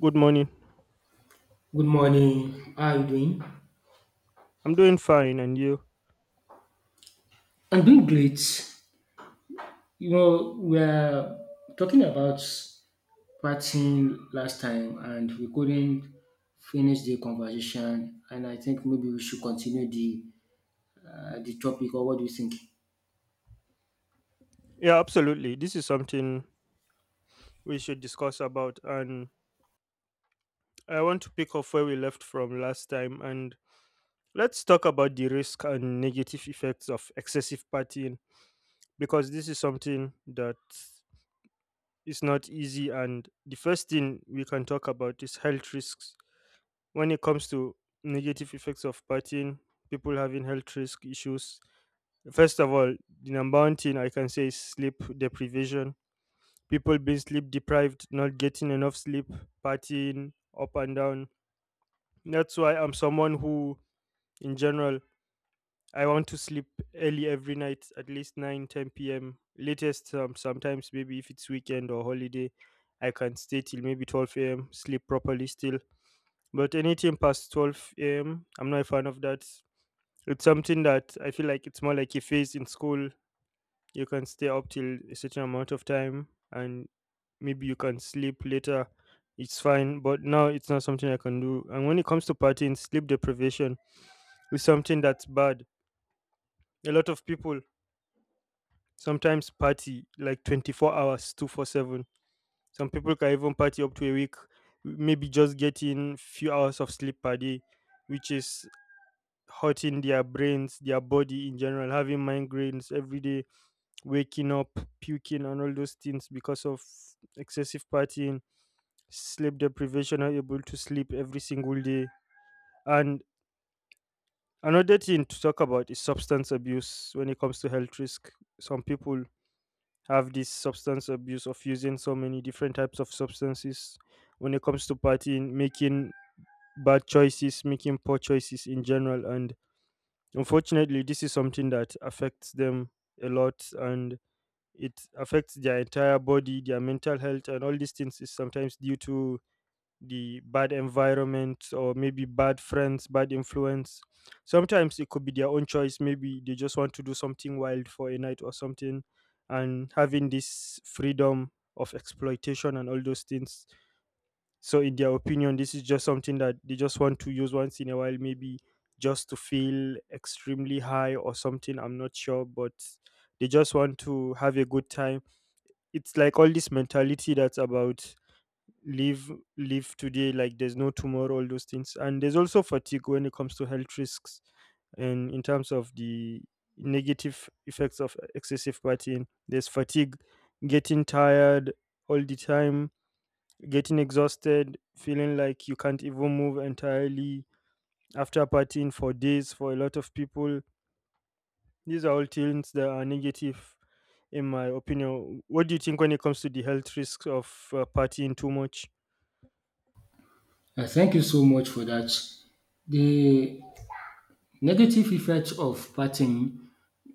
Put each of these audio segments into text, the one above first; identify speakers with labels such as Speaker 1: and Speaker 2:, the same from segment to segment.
Speaker 1: Good morning.
Speaker 2: Good morning. How are you doing?
Speaker 1: I'm doing fine, and you?
Speaker 2: I'm doing great. You know, we are talking about partying last time and we couldn't finish the conversation. And I think maybe we should continue the the topic. Or what do you think?
Speaker 1: Yeah, absolutely. This is something we should discuss about, and I want to pick up where we left from last time. And let's talk about the risk and negative effects of excessive partying, because this is something that is not easy. And the first thing we can talk about is health risks. When it comes to negative effects of partying, people having health risk issues. First of all, the number one thing I can say is sleep deprivation, people being sleep deprived, not getting enough sleep, partying up and down. That's why I'm someone who, in general, I want to sleep early every night, at least 9, 10 p.m. latest. Sometimes maybe if it's weekend or holiday, I can stay till maybe 12 a.m., sleep properly still. But anything past 12 a.m., I'm not a fan of that. It's something that I feel like it's more like a phase in school. You can stay up till a certain amount of time and maybe you can sleep later. It's fine, but now it's not something I can do. And when it comes to partying, sleep deprivation is something that's bad. A lot of people sometimes party like 24 hours, 24/7. Some people can even party up to a week, maybe just getting few hours of sleep per day, which is hurting their brains, their body in general, having migraines every day, waking up, puking, and all those things because of excessive partying, sleep deprivation, are able to sleep every single day. And another thing to talk about is substance abuse when it comes to health risk. Some people have this substance abuse of using so many different types of substances when it comes to partying, making bad choices, making poor choices in general. And unfortunately, this is something that affects them a lot, and it affects their entire body, their mental health, and all these things is sometimes due to the bad environment or maybe bad friends, bad influence. Sometimes it could be their own choice. Maybe they just want to do something wild for a night or something, and having this freedom of exploitation and all those things. So, in their opinion, this is just something that they just want to use once in a while, maybe just to feel extremely high or something. I'm not sure, but they just want to have a good time. It's like all this mentality that's about live live today like there's no tomorrow, all those things. And there's also fatigue when it comes to health risks, and in terms of the negative effects of excessive partying, there's fatigue, getting tired all the time, getting exhausted, feeling like you can't even move entirely after partying for days for a lot of people. These are all things that are negative in my opinion. What do you think when it comes to the health risks of partying too much?
Speaker 2: Thank you so much for that. The negative effect of partying,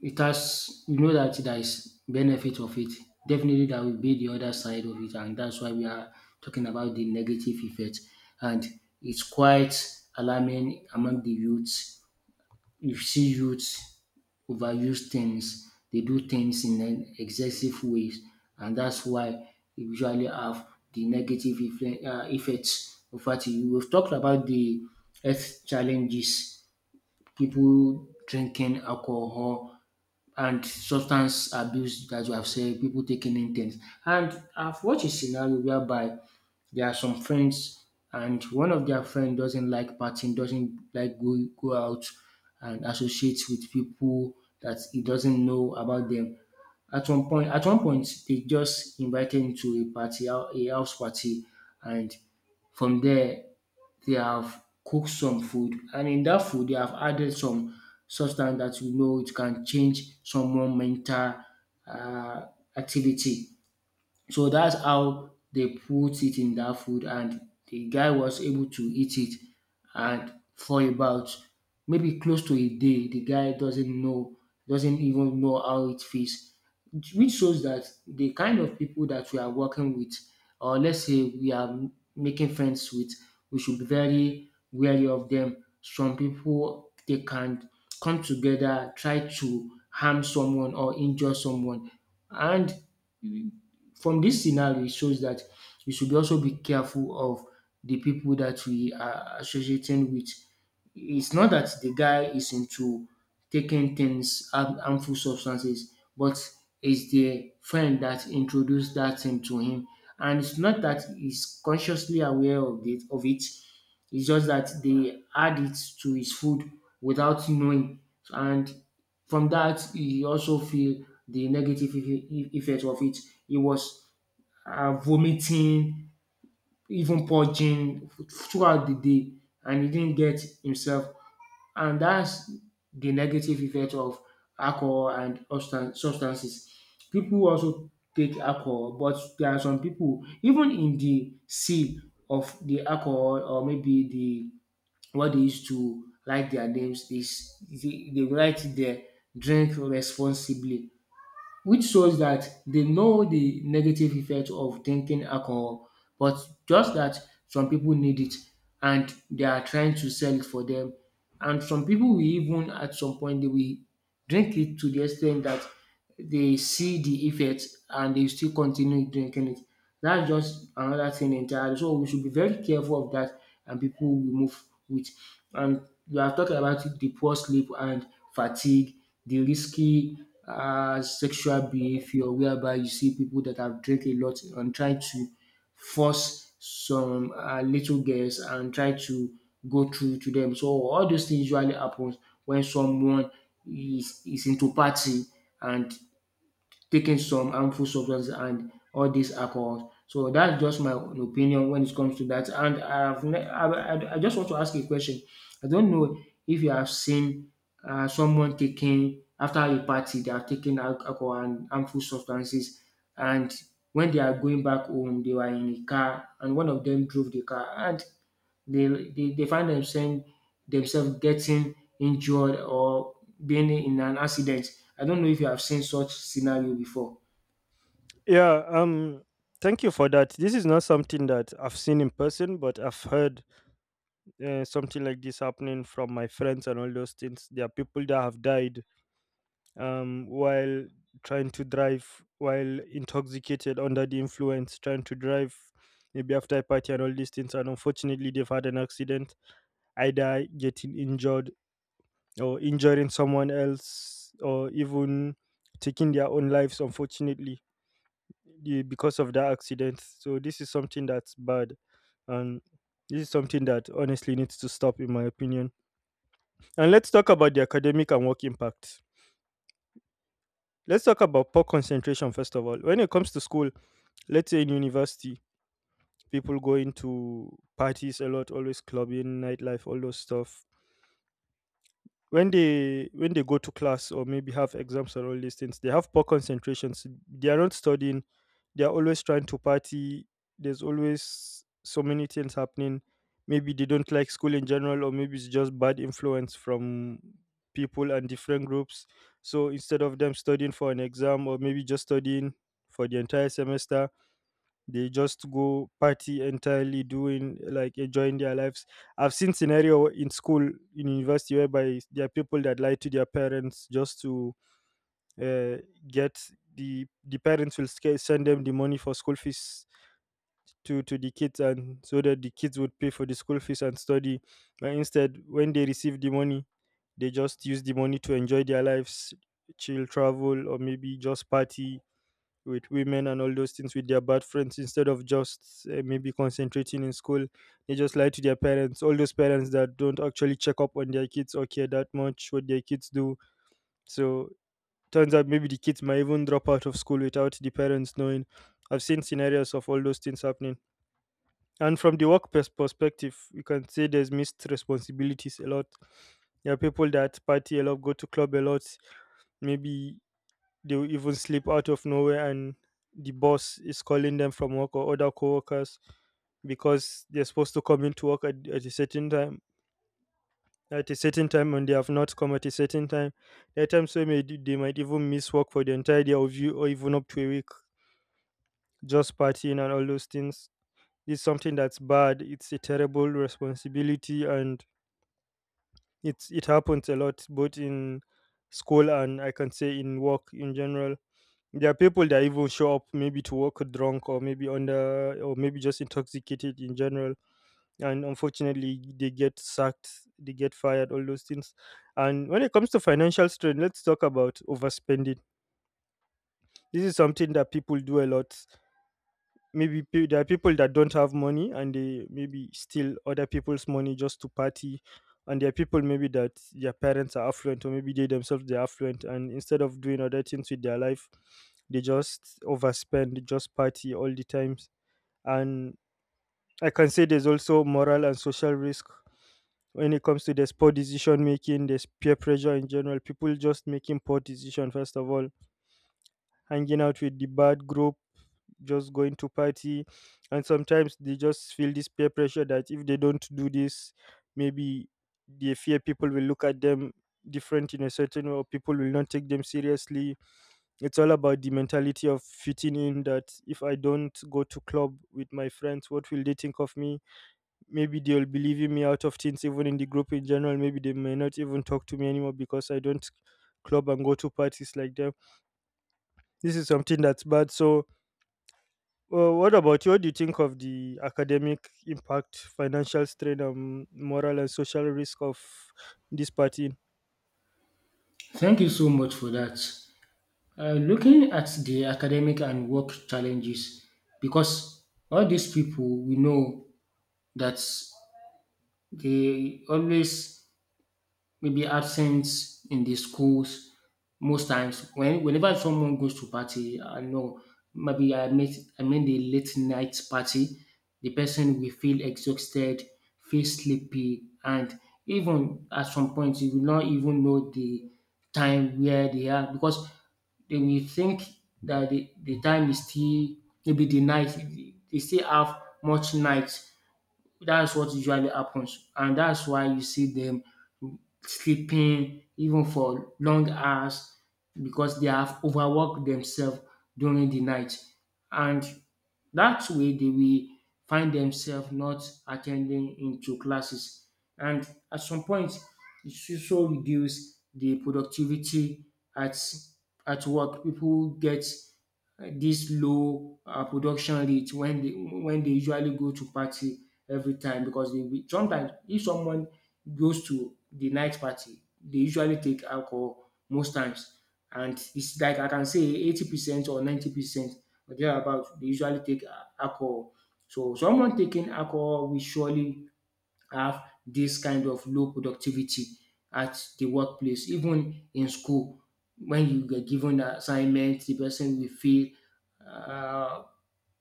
Speaker 2: it has you know that there is benefit of it. Definitely there will be the other side of it, and that's why we are talking about the negative effect. And it's quite alarming among the youths. You see youths overuse things, they do things in an excessive ways, and that's why you usually have the negative effects of We've talked about the health challenges, people drinking alcohol and substance abuse, as you have said, people taking in things. And I've watched a scenario whereby there are some friends and one of their friend doesn't like partying, doesn't like go out and associate with people that he doesn't know about them. At one point, they just invited him to a party, a house party, and from there they have cooked some food and in that food they have added some substance that you know it can change someone mental um activity. So that's how they put it in that food and the guy was able to eat it, and for about maybe close to a day, the guy doesn't know, doesn't even know how it feels, which shows that the kind of people that we are working with, or let's say we are making friends with, we should be very wary of them. Some people, they can come together, try to harm someone or injure someone. And from this scenario, it shows that you should also be careful of the people that we are associating with. It's not that the guy is into taking things, harmful substances, but it's the friend that introduced that thing to him. And it's not that he's consciously aware of it. It's just that they add it to his food without knowing. And from that, he also feel the negative effect of it. He was vomiting, even purging throughout the day, and he didn't get himself. And that's the negative effect of alcohol and substances. People also take alcohol, but there are some people, even in the sea of the alcohol or maybe the what they used to write their names, they write there drink responsibly, which shows that they know the negative effect of drinking alcohol, but just that some people need it and they are trying to sell it for them. And some people will, even at some point, they will drink it to the extent that they see the effect and they still continue drinking it. That's just another thing entirely. So we should be very careful of that and people we move with. And we have talked about the poor sleep and fatigue, the risky sexual behavior whereby you see people that have drank a lot and try to force some little girls and try to go through to them. So all those things usually happens when someone is into party and taking some harmful substances and all these alcohols. So that's just my own opinion when it comes to that. And I've ne- I just want to ask a question. I don't know if you have seen someone taking after a party, they are taking alcohol and harmful substances, and when they are going back home, they were in a car, and one of them drove the car, and they find themselves getting injured or being in an accident. I don't know if you have seen such scenario before.
Speaker 1: Yeah, thank you for that. This is not something that I've seen in person, but I've heard something like this happening from my friends and all those things. There are people that have died, while trying to drive, while intoxicated under the influence, trying to drive. Maybe after a party and all these things, and unfortunately, they've had an accident, either getting injured or injuring someone else or even taking their own lives unfortunately, because of that accident. So this is something that's bad, and this is something that honestly needs to stop in my opinion. And let's talk about the academic and work impact. Let's talk about poor concentration first of all. When it comes to school, let's say in university, people go into parties a lot, always clubbing, nightlife, all those stuff. When they when they go to class or maybe have exams and all these things, they have poor concentrations. They are not studying, they are always trying to party. There's always so many things happening. Maybe they don't like school in general, or maybe it's just bad influence from people and different groups. So instead of them studying for an exam, or maybe just studying for the entire semester, they just go party entirely, doing like enjoying their lives. I've seen scenario in school, in university, whereby there are people that lie to their parents just to uh, get the parents will send them the money for school fees, to the kids, and so that the kids would pay for the school fees and study. But instead, when they receive the money, they just use the money to enjoy their lives, chill, travel, or maybe just party with women and all those things with their bad friends, instead of just maybe concentrating in school. They just lie to their parents, all those parents that don't actually check up on their kids or care that much what their kids do. So turns out maybe the kids might even drop out of school without the parents knowing. I've seen scenarios of all those things happening. And from the work perspective, you can say there's missed responsibilities a lot. There are people that party a lot, go to club a lot, maybe they will even sleep out of nowhere, and the boss is calling them from work or other coworkers because they're supposed to come into work at a certain time, and they have not come at a certain time. There are times where they might even miss work for the entire day of you or even up to a week, just partying and all those things. It's something that's bad, it's a terrible responsibility, and it happens a lot, both in school, and I can say in work in general. There are people that even show up maybe to work drunk, or maybe under, or maybe just intoxicated in general, and unfortunately they get sacked, they get fired, all those things. And when it comes to financial strain, let's talk about overspending. This is something that people do a lot. Maybe there are people that don't have money and they maybe steal other people's money just to party, and there are people maybe that their parents are affluent, or maybe they themselves they're affluent, and instead of doing other things with their life, they just overspend, just party all the times. And I can say there's also moral and social risk. When it comes to, there's poor decision making, there's peer pressure in general, people just making poor decision. First of all, hanging out with the bad group, just going to party. And sometimes they just feel this peer pressure that if they don't do this, maybe they fear people will look at them different in a certain way, or people will not take them seriously. It's all about the mentality of fitting in that if I don't go to club with my friends, what will they think of me? Maybe they'll be leaving me out of things even in the group in general. Maybe they may not even talk to me anymore because I don't club and go to parties like them. This is something that's bad. So, well, what about you? What do you think of the academic impact, financial strain, and moral and social risk of this party?
Speaker 2: Thank you so much for that. Looking at the academic and work challenges, because all these people we know that they always maybe absence in the schools most times, when whenever someone goes to party, I know, maybe I met. I mean the late night party, the person will feel exhausted, feel sleepy, and even at some point you will not even know the time where they are, because they will think that the time is still maybe the night, they still have much night. That's what usually happens, and that's why you see them sleeping even for long hours, because they have overworked themselves during the night. And that way they will find themselves not attending into classes. And at some point, it should also reduce the productivity at at work. People get this low production rate when they usually go to party every time, because they will, sometimes if someone goes to the night party, they usually take alcohol most times, and it's like I can say 80% or 90% or thereabout they usually take alcohol. So someone taking alcohol will surely have this kind of low productivity at the workplace, even in school. When you get given an assignment, the person will feel uh,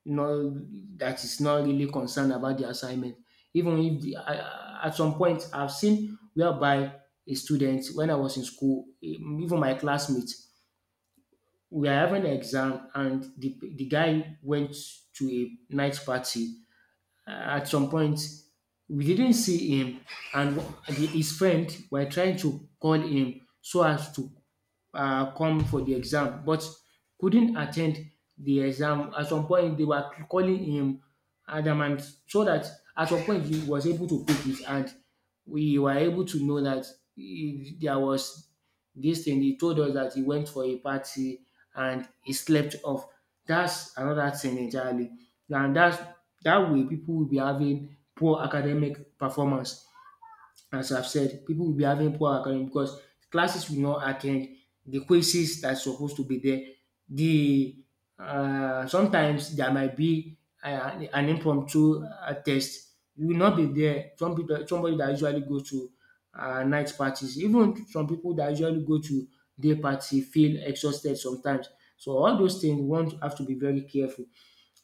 Speaker 2: not, that is not really concerned about the assignment. Even if at some point I've seen whereby a student when I was in school, even my classmates, we are having an exam and the guy went to a night party. At some point we didn't see him, and his friend were trying to call him so as to come for the exam but couldn't attend the exam. At some point they were calling him adamant, so that at some point he was able to pick it, and we were able to know that there was this thing he told us that he went for a party and he slept off. That's another thing entirely. And that's that way people will be having poor academic performance. As I've said, people will be having poor academic because classes will not attend, the quizzes that's supposed to be there. The sometimes there might be an impromptu test. You will not be there. Some people, somebody that usually go to night parties, even some people that usually go to day party feel exhausted sometimes. So all those things, one have to be very careful.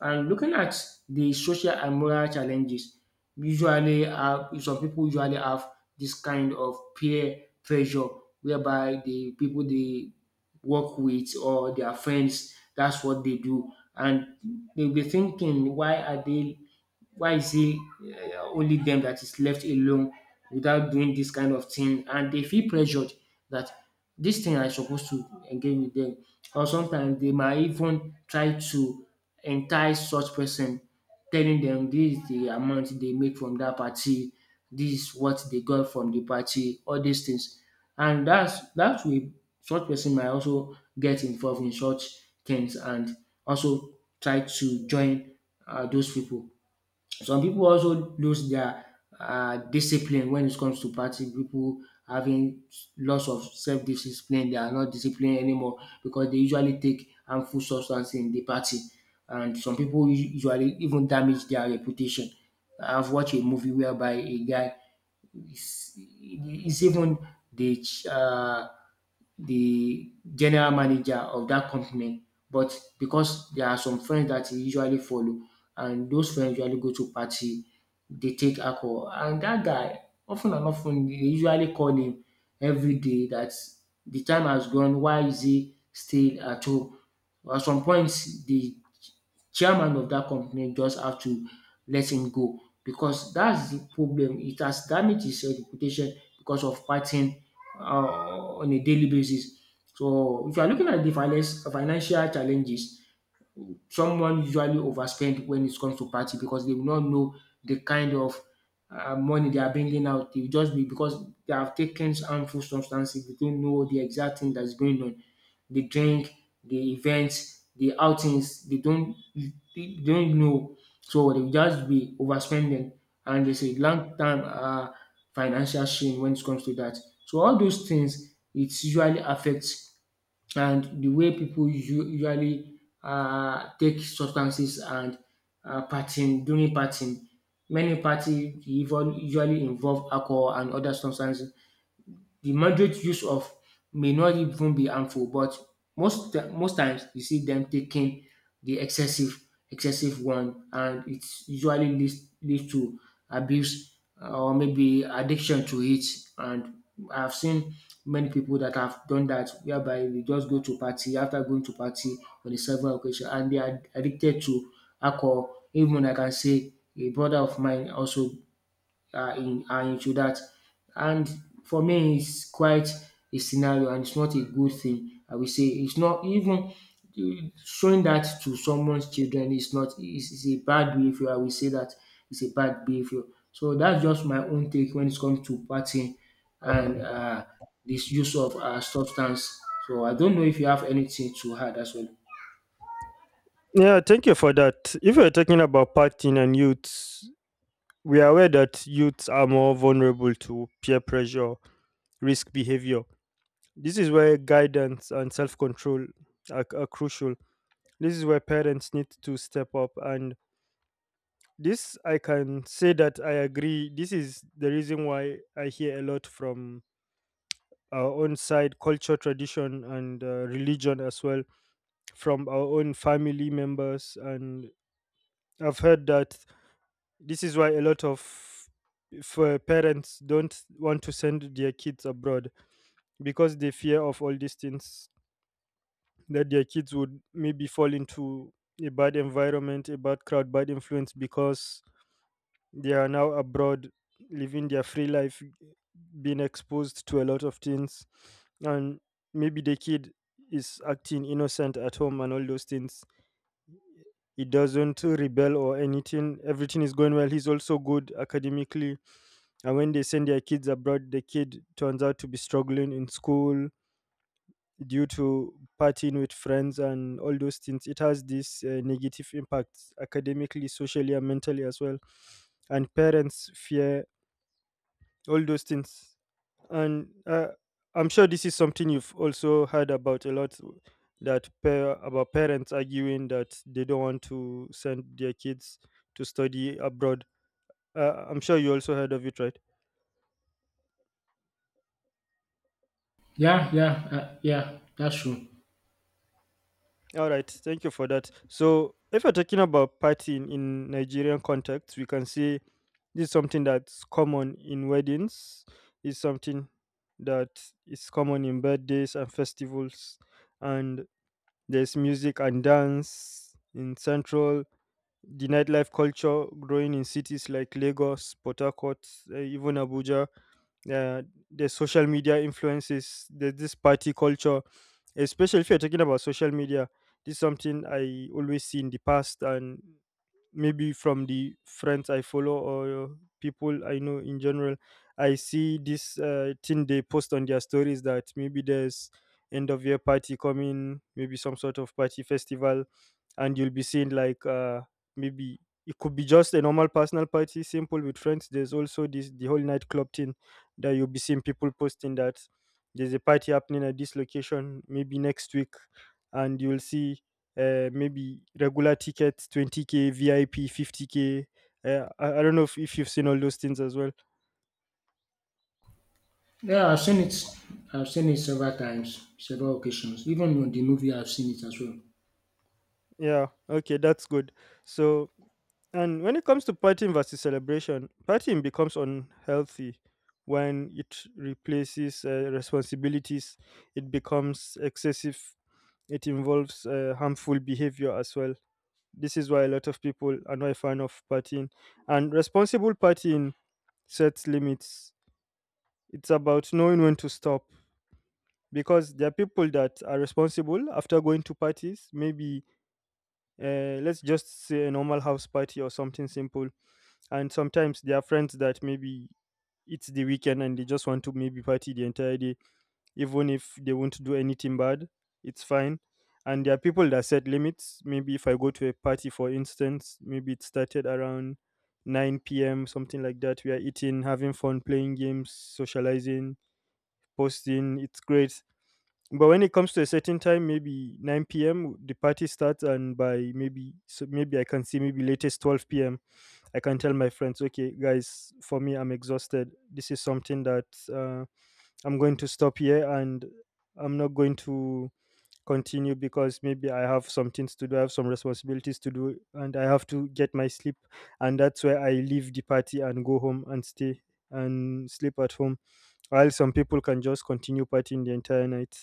Speaker 2: And looking at the social and moral challenges, usually have, some people usually have this kind of peer pressure whereby the people they work with or their friends, that's what they do. And they'll be thinking, why are they, why is it only them that is left alone without doing this kind of thing? And they feel pressured that this thing I supposed to engage with them. Or sometimes they might even try to entice such person, telling them this is the amount they make from that party, this is what they got from the party, all these things. And that's that way such person might also get involved in such things and also try to join those people. Some people also lose their discipline when it comes to party. People having loss of self discipline, they are not disciplined anymore because they usually take harmful substance in the party. And some people usually even damage their reputation. I've watched a movie whereby a guy is even the ch- uh, the general manager of that company. But because there are some friends that he usually follow, and those friends usually go to party, they take alcohol. And that guy, often and often, they usually call him every day that the time has gone. Why is he still at home? At some point, the chairman of that company just have to let him go, because that's the problem. It has damaged his reputation because of partying on a daily basis. So if you are looking at the finance financial challenges, someone usually overspend when it comes to party, because they will not know the kind of money they are bringing out. They will just be, because they have taken harmful substances. They don't know the exact thing that's going on. The drink, the events, the outings. They don't know. So they will just be overspending, and there's a long term financial strain when it comes to that. So all those things it usually affects, and the way people usually take substances and partying during partying. Many party even usually involve alcohol and other substances. The moderate use of may not even be harmful, but most times you see them taking the excessive one, and it usually leads to abuse or maybe addiction to it. And I've seen many people that have done that, whereby they just go to party after going to party on a several occasion, and they are addicted to alcohol. Even I can say a brother of mine also are into that. And for me, it's quite a scenario, and it's not a good thing. I will say it's not even showing that to someone's children is not is, is a bad behavior. I will say that it's a bad behavior. So that's just my own take when it comes to partying and this use of substance. So I don't know if you have anything to add as well.
Speaker 1: Yeah, thank you for that. If we're talking about partying and youths, we are aware that youths are more vulnerable to peer pressure, risk behavior. This is where guidance and self control are crucial. This is where parents need to step up and, this I can say that I agree. This is the reason why I hear a lot from our own side, culture, tradition, and religion as well, from our own family members. And I've heard that this is why a lot of parents don't want to send their kids abroad, because they fear of all these things that their kids would maybe fall into a bad environment, a bad crowd, bad influence, because they are now abroad, living their free life, being exposed to a lot of things, and maybe the kid is acting innocent at home and all those things. He doesn't rebel or anything. Everything is going well. He's also good academically. And when they send their kids abroad, the kid turns out to be struggling in school due to partying with friends and all those things. It has this negative impacts academically, socially, and mentally as well. And parents fear all those things and I'm sure this is something you've also heard about a lot, that par about parents arguing that they don't want to send their kids to study abroad. I'm sure you also heard of it, right?
Speaker 2: Yeah. That's true.
Speaker 1: All right, thank you for that. So if we're talking about partying in Nigerian context, we can say this is something that's common in weddings, is something that is common in birthdays and festivals, and there's music and dance in Central, the nightlife culture growing in cities like Lagos, Port Harcourt, even Abuja. uh, there's social media influences, there's this party culture, especially if you're talking about social media. This is something I always see in the past, and maybe from the friends I follow or people I know in general, I see this thing they post on their stories, that maybe there's end of year party coming, maybe some sort of party festival. And you'll be seeing like maybe it could be just a normal personal party, simple with friends. There's also this, the whole nightclub thing, that you'll be seeing people posting that there's a party happening at this location maybe next week. And you'll see maybe regular tickets 20K, vip 50K. I don't know if you've seen all those things as well.
Speaker 2: Yeah, I've seen it. I've seen it several times, several occasions. Even on the movie, I've seen it as well.
Speaker 1: Yeah, okay, that's good. So, and when it comes to partying versus celebration, partying becomes unhealthy when it replaces responsibilities, it becomes excessive, it involves harmful behavior as well. This is why a lot of people are not a fan of partying. And responsible partying sets limits. It's about knowing when to stop, because there are people that are responsible after going to parties. Maybe let's just say a normal house party or something simple. And sometimes there are friends that, maybe it's the weekend and they just want to maybe party the entire day, even if they won't do anything bad, it's fine. And there are people that set limits. Maybe if I go to a party, for instance, maybe it started around 9 p.m, something like that, we are eating, having fun, playing games, socializing, posting, it's great. But when it comes to a certain time, maybe 9 p.m the party starts, and by maybe, so maybe I can see, maybe latest 12 p.m, I can tell my friends, okay guys, for me, I'm exhausted, this is something that uh, I'm going to stop here and I'm not going to continue, because maybe I have some things to do, I have some responsibilities to do, and I have to get my sleep. And that's where I leave the party and go home and stay and sleep at home. While some people can just continue partying the entire night.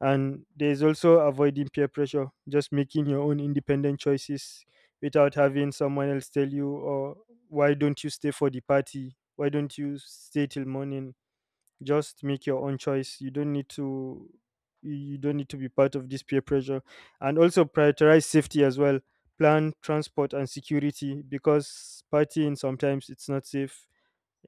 Speaker 1: And there's also avoiding peer pressure, just making your own independent choices without having someone else tell you, or, why don't you stay for the party? Why don't you stay till morning? Just make your own choice, you don't need to, you don't need to be part of this peer pressure. And also prioritize safety as well, plan transport and security, because partying sometimes it's not safe,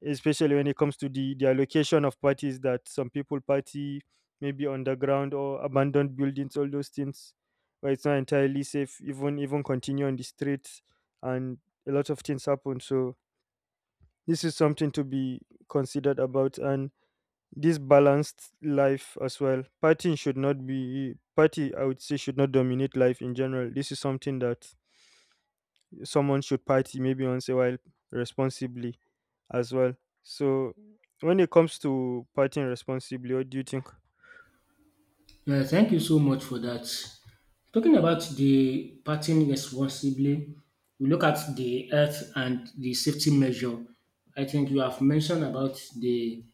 Speaker 1: especially when it comes to the allocation of parties, that some people party maybe underground or abandoned buildings, all those things, where it's not entirely safe, even continue on the streets. And a lot of things happen. So this is something to be considered about. And this balanced life as well. Partying should not be party, I would say, should not dominate life in general. This is something that someone should party maybe once a while, responsibly as well. So when it comes to partying responsibly, what do you think?
Speaker 2: Yeah, thank you so much for that. Talking about the parting responsibly, we look at the health and the safety measure. I think you have mentioned about the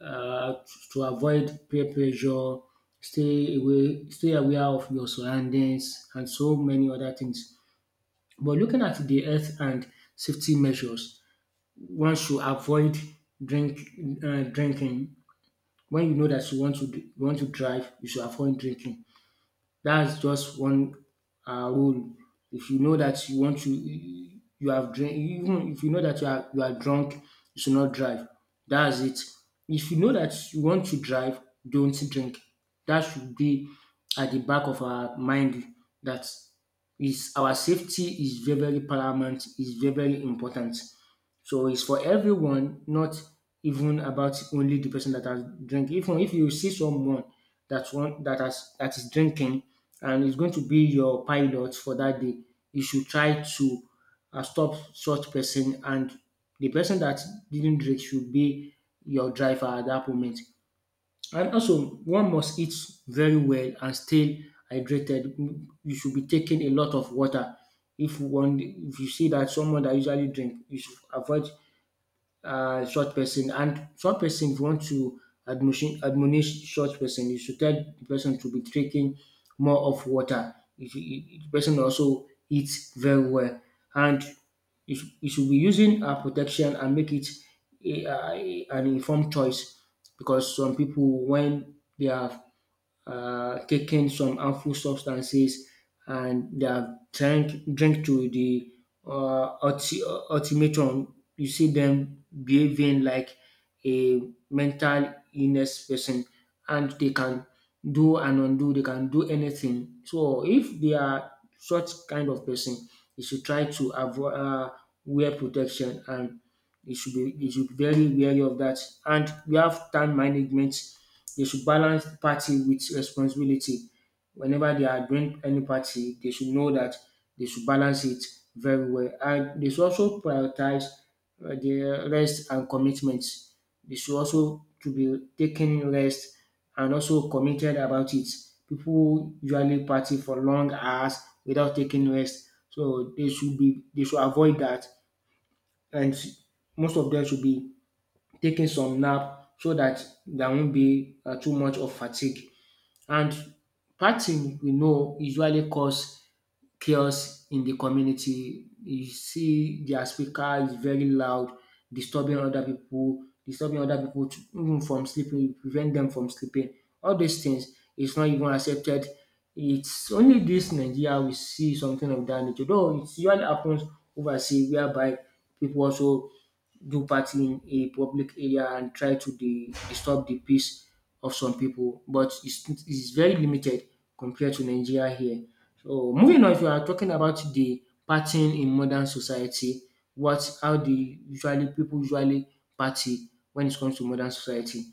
Speaker 2: uh, to avoid peer pressure, stay away, stay aware of your surroundings, and so many other things. But looking at the health and safety measures, one should avoid drink drinking. When you know that you want to you want to drive, you should avoid drinking. That's just one rule. If you know that you want to you have drink, even if you know that you are drunk, you should not drive. That's it. If you know that you want to drive, don't drink. That should be at the back of our mind. That is, our safety is very very paramount. Is very very important. So it's for everyone, not even about only the person that has drink. Even if you see someone that one that has that is drinking and is going to be your pilot for that day, you should try to stop such person, and the person that didn't drink should be your driver at that moment. And also, one must eat very well and stay hydrated. You should be taking a lot of water. If one, if you see that someone that usually drink, you should avoid short person, and short person if you want to admonish short person, you should tell the person to be drinking more of water. You should, the person also eats very well, and you should be using protection and make it an informed choice, because some people when they have taken some harmful substances and they have drink to the ultimatum. You see them behaving like a mental illness person, and they can do and undo, they can do anything. So if they are such kind of person, you should try to avoid wear protection, and they should be very wary of that. And we have time management. They should balance party with responsibility. Whenever they are doing any party, they should know that they should balance it very well. And they should also prioritize the rest and commitment. They should also to be taking rest and also committed about it. People usually party for long hours without taking rest. So they should avoid that, and most of them should be taking some nap so that there won't be too much of fatigue. And partying, we know, usually cause chaos in the community. You see, their speaker is very loud, disturbing other people, even from sleeping, prevent them from sleeping. All these things is not even accepted. It's only this Nigeria we see something of that nature. Though it usually happens overseas, whereby people also do party in a public area and try to disturb the peace of some people, but it's very limited compared to Nigeria here. So moving on, if you are talking about the partying in modern society, what how the usually people usually party when it comes to modern society.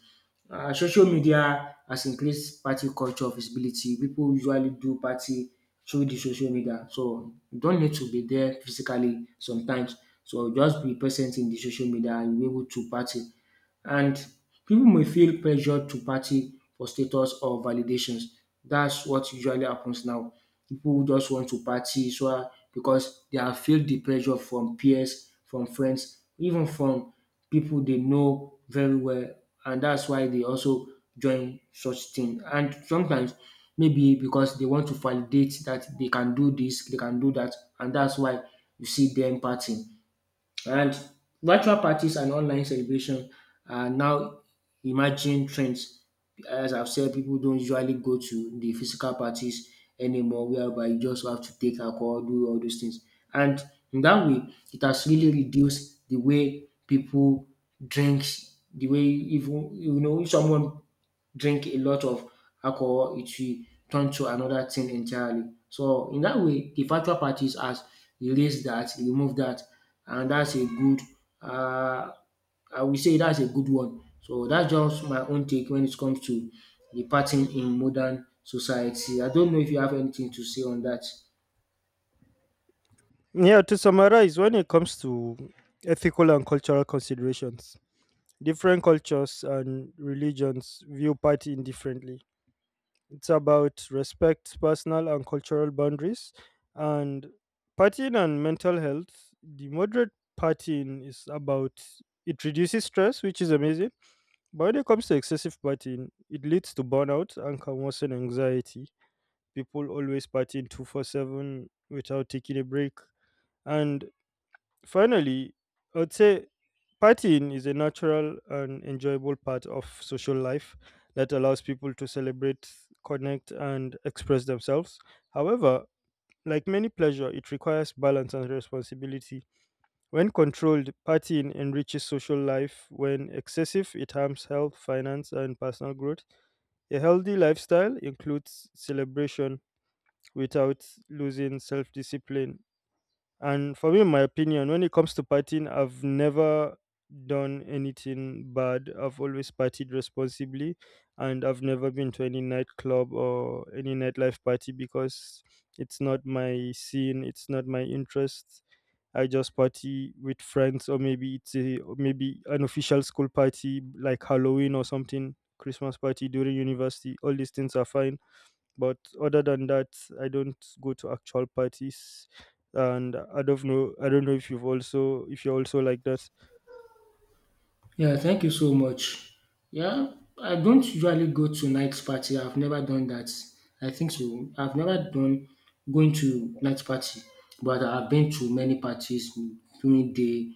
Speaker 2: Social media has increased party culture visibility. People usually do party through the social media. So you don't need to be there physically sometimes. So just be present in the social media and you be able to party. And people may feel pressured to party for status or validations. That's what usually happens now. People just want to party so because they have feel the pressure from peers, from friends, even from people they know very well, and that's why they also join such thing. And sometimes maybe because they want to validate that they can do this, they can do that, and that's why you see them partying. And virtual parties and online celebration are now emerging trends. As I've said, people don't usually go to the physical parties anymore, whereby you just have to take alcohol, do all those things. And in that way, it has really reduced the way people drink, the way even, you know, someone drink a lot of alcohol, it will turn to another thing entirely. So in that way, the virtual parties has released that, removed that, and that's a good. Uh, I will say that's a good one. So that's just my own take when it comes to the partying in modern society. I don't know if you have anything to say on that.
Speaker 1: Yeah, to summarize, when it comes to ethical and cultural considerations, different cultures and religions view partying differently. It's about respect, personal and cultural boundaries, and partying and mental health. The moderate partying is about, it reduces stress, which is amazing. But when it comes to excessive partying, it leads to burnout and can worsen anxiety. People always partying 24/7 without taking a break. And finally, I would say, partying is a natural and enjoyable part of social life that allows people to celebrate, connect, and express themselves. However, like many pleasure, it requires balance and responsibility. When controlled, partying enriches social life. When excessive, it harms health, finance, and personal growth. A healthy lifestyle includes celebration without losing self discipline. And for me, in my opinion, when it comes to partying, I've never done anything bad. I've always partied responsibly, and I've never been to any nightclub or any nightlife party, because it's not my scene, it's not my interest. I just party with friends, or maybe it's a, or maybe an official school party like Halloween or something, Christmas party during university. All these things are fine, but other than that, I don't go to actual parties. And I don't know, I don't know if you've also, if you're also like that.
Speaker 2: Yeah, thank you so much. Yeah, I don't usually go to night party. I've never done that. I think so. I've never done going to night party, but I've been to many parties during day,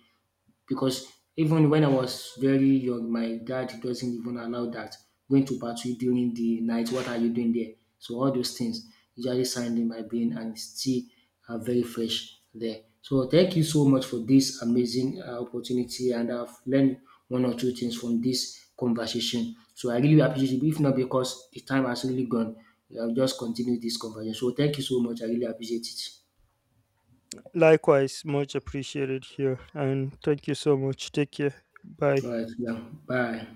Speaker 2: because even when I was very young, my dad doesn't even allow that. Going to battle during the night, what are you doing there? So all those things usually signed in my brain and still are very fresh there. So thank you so much for this amazing opportunity, and I've learned one or two things from this conversation. So I really appreciate it. If not because the time has really gone, I'll just continue this conversation. So thank you so much. I really appreciate it.
Speaker 1: Likewise, much appreciated here, and thank you so much. Take care.
Speaker 2: All
Speaker 1: Bye.
Speaker 2: right, yeah. Bye.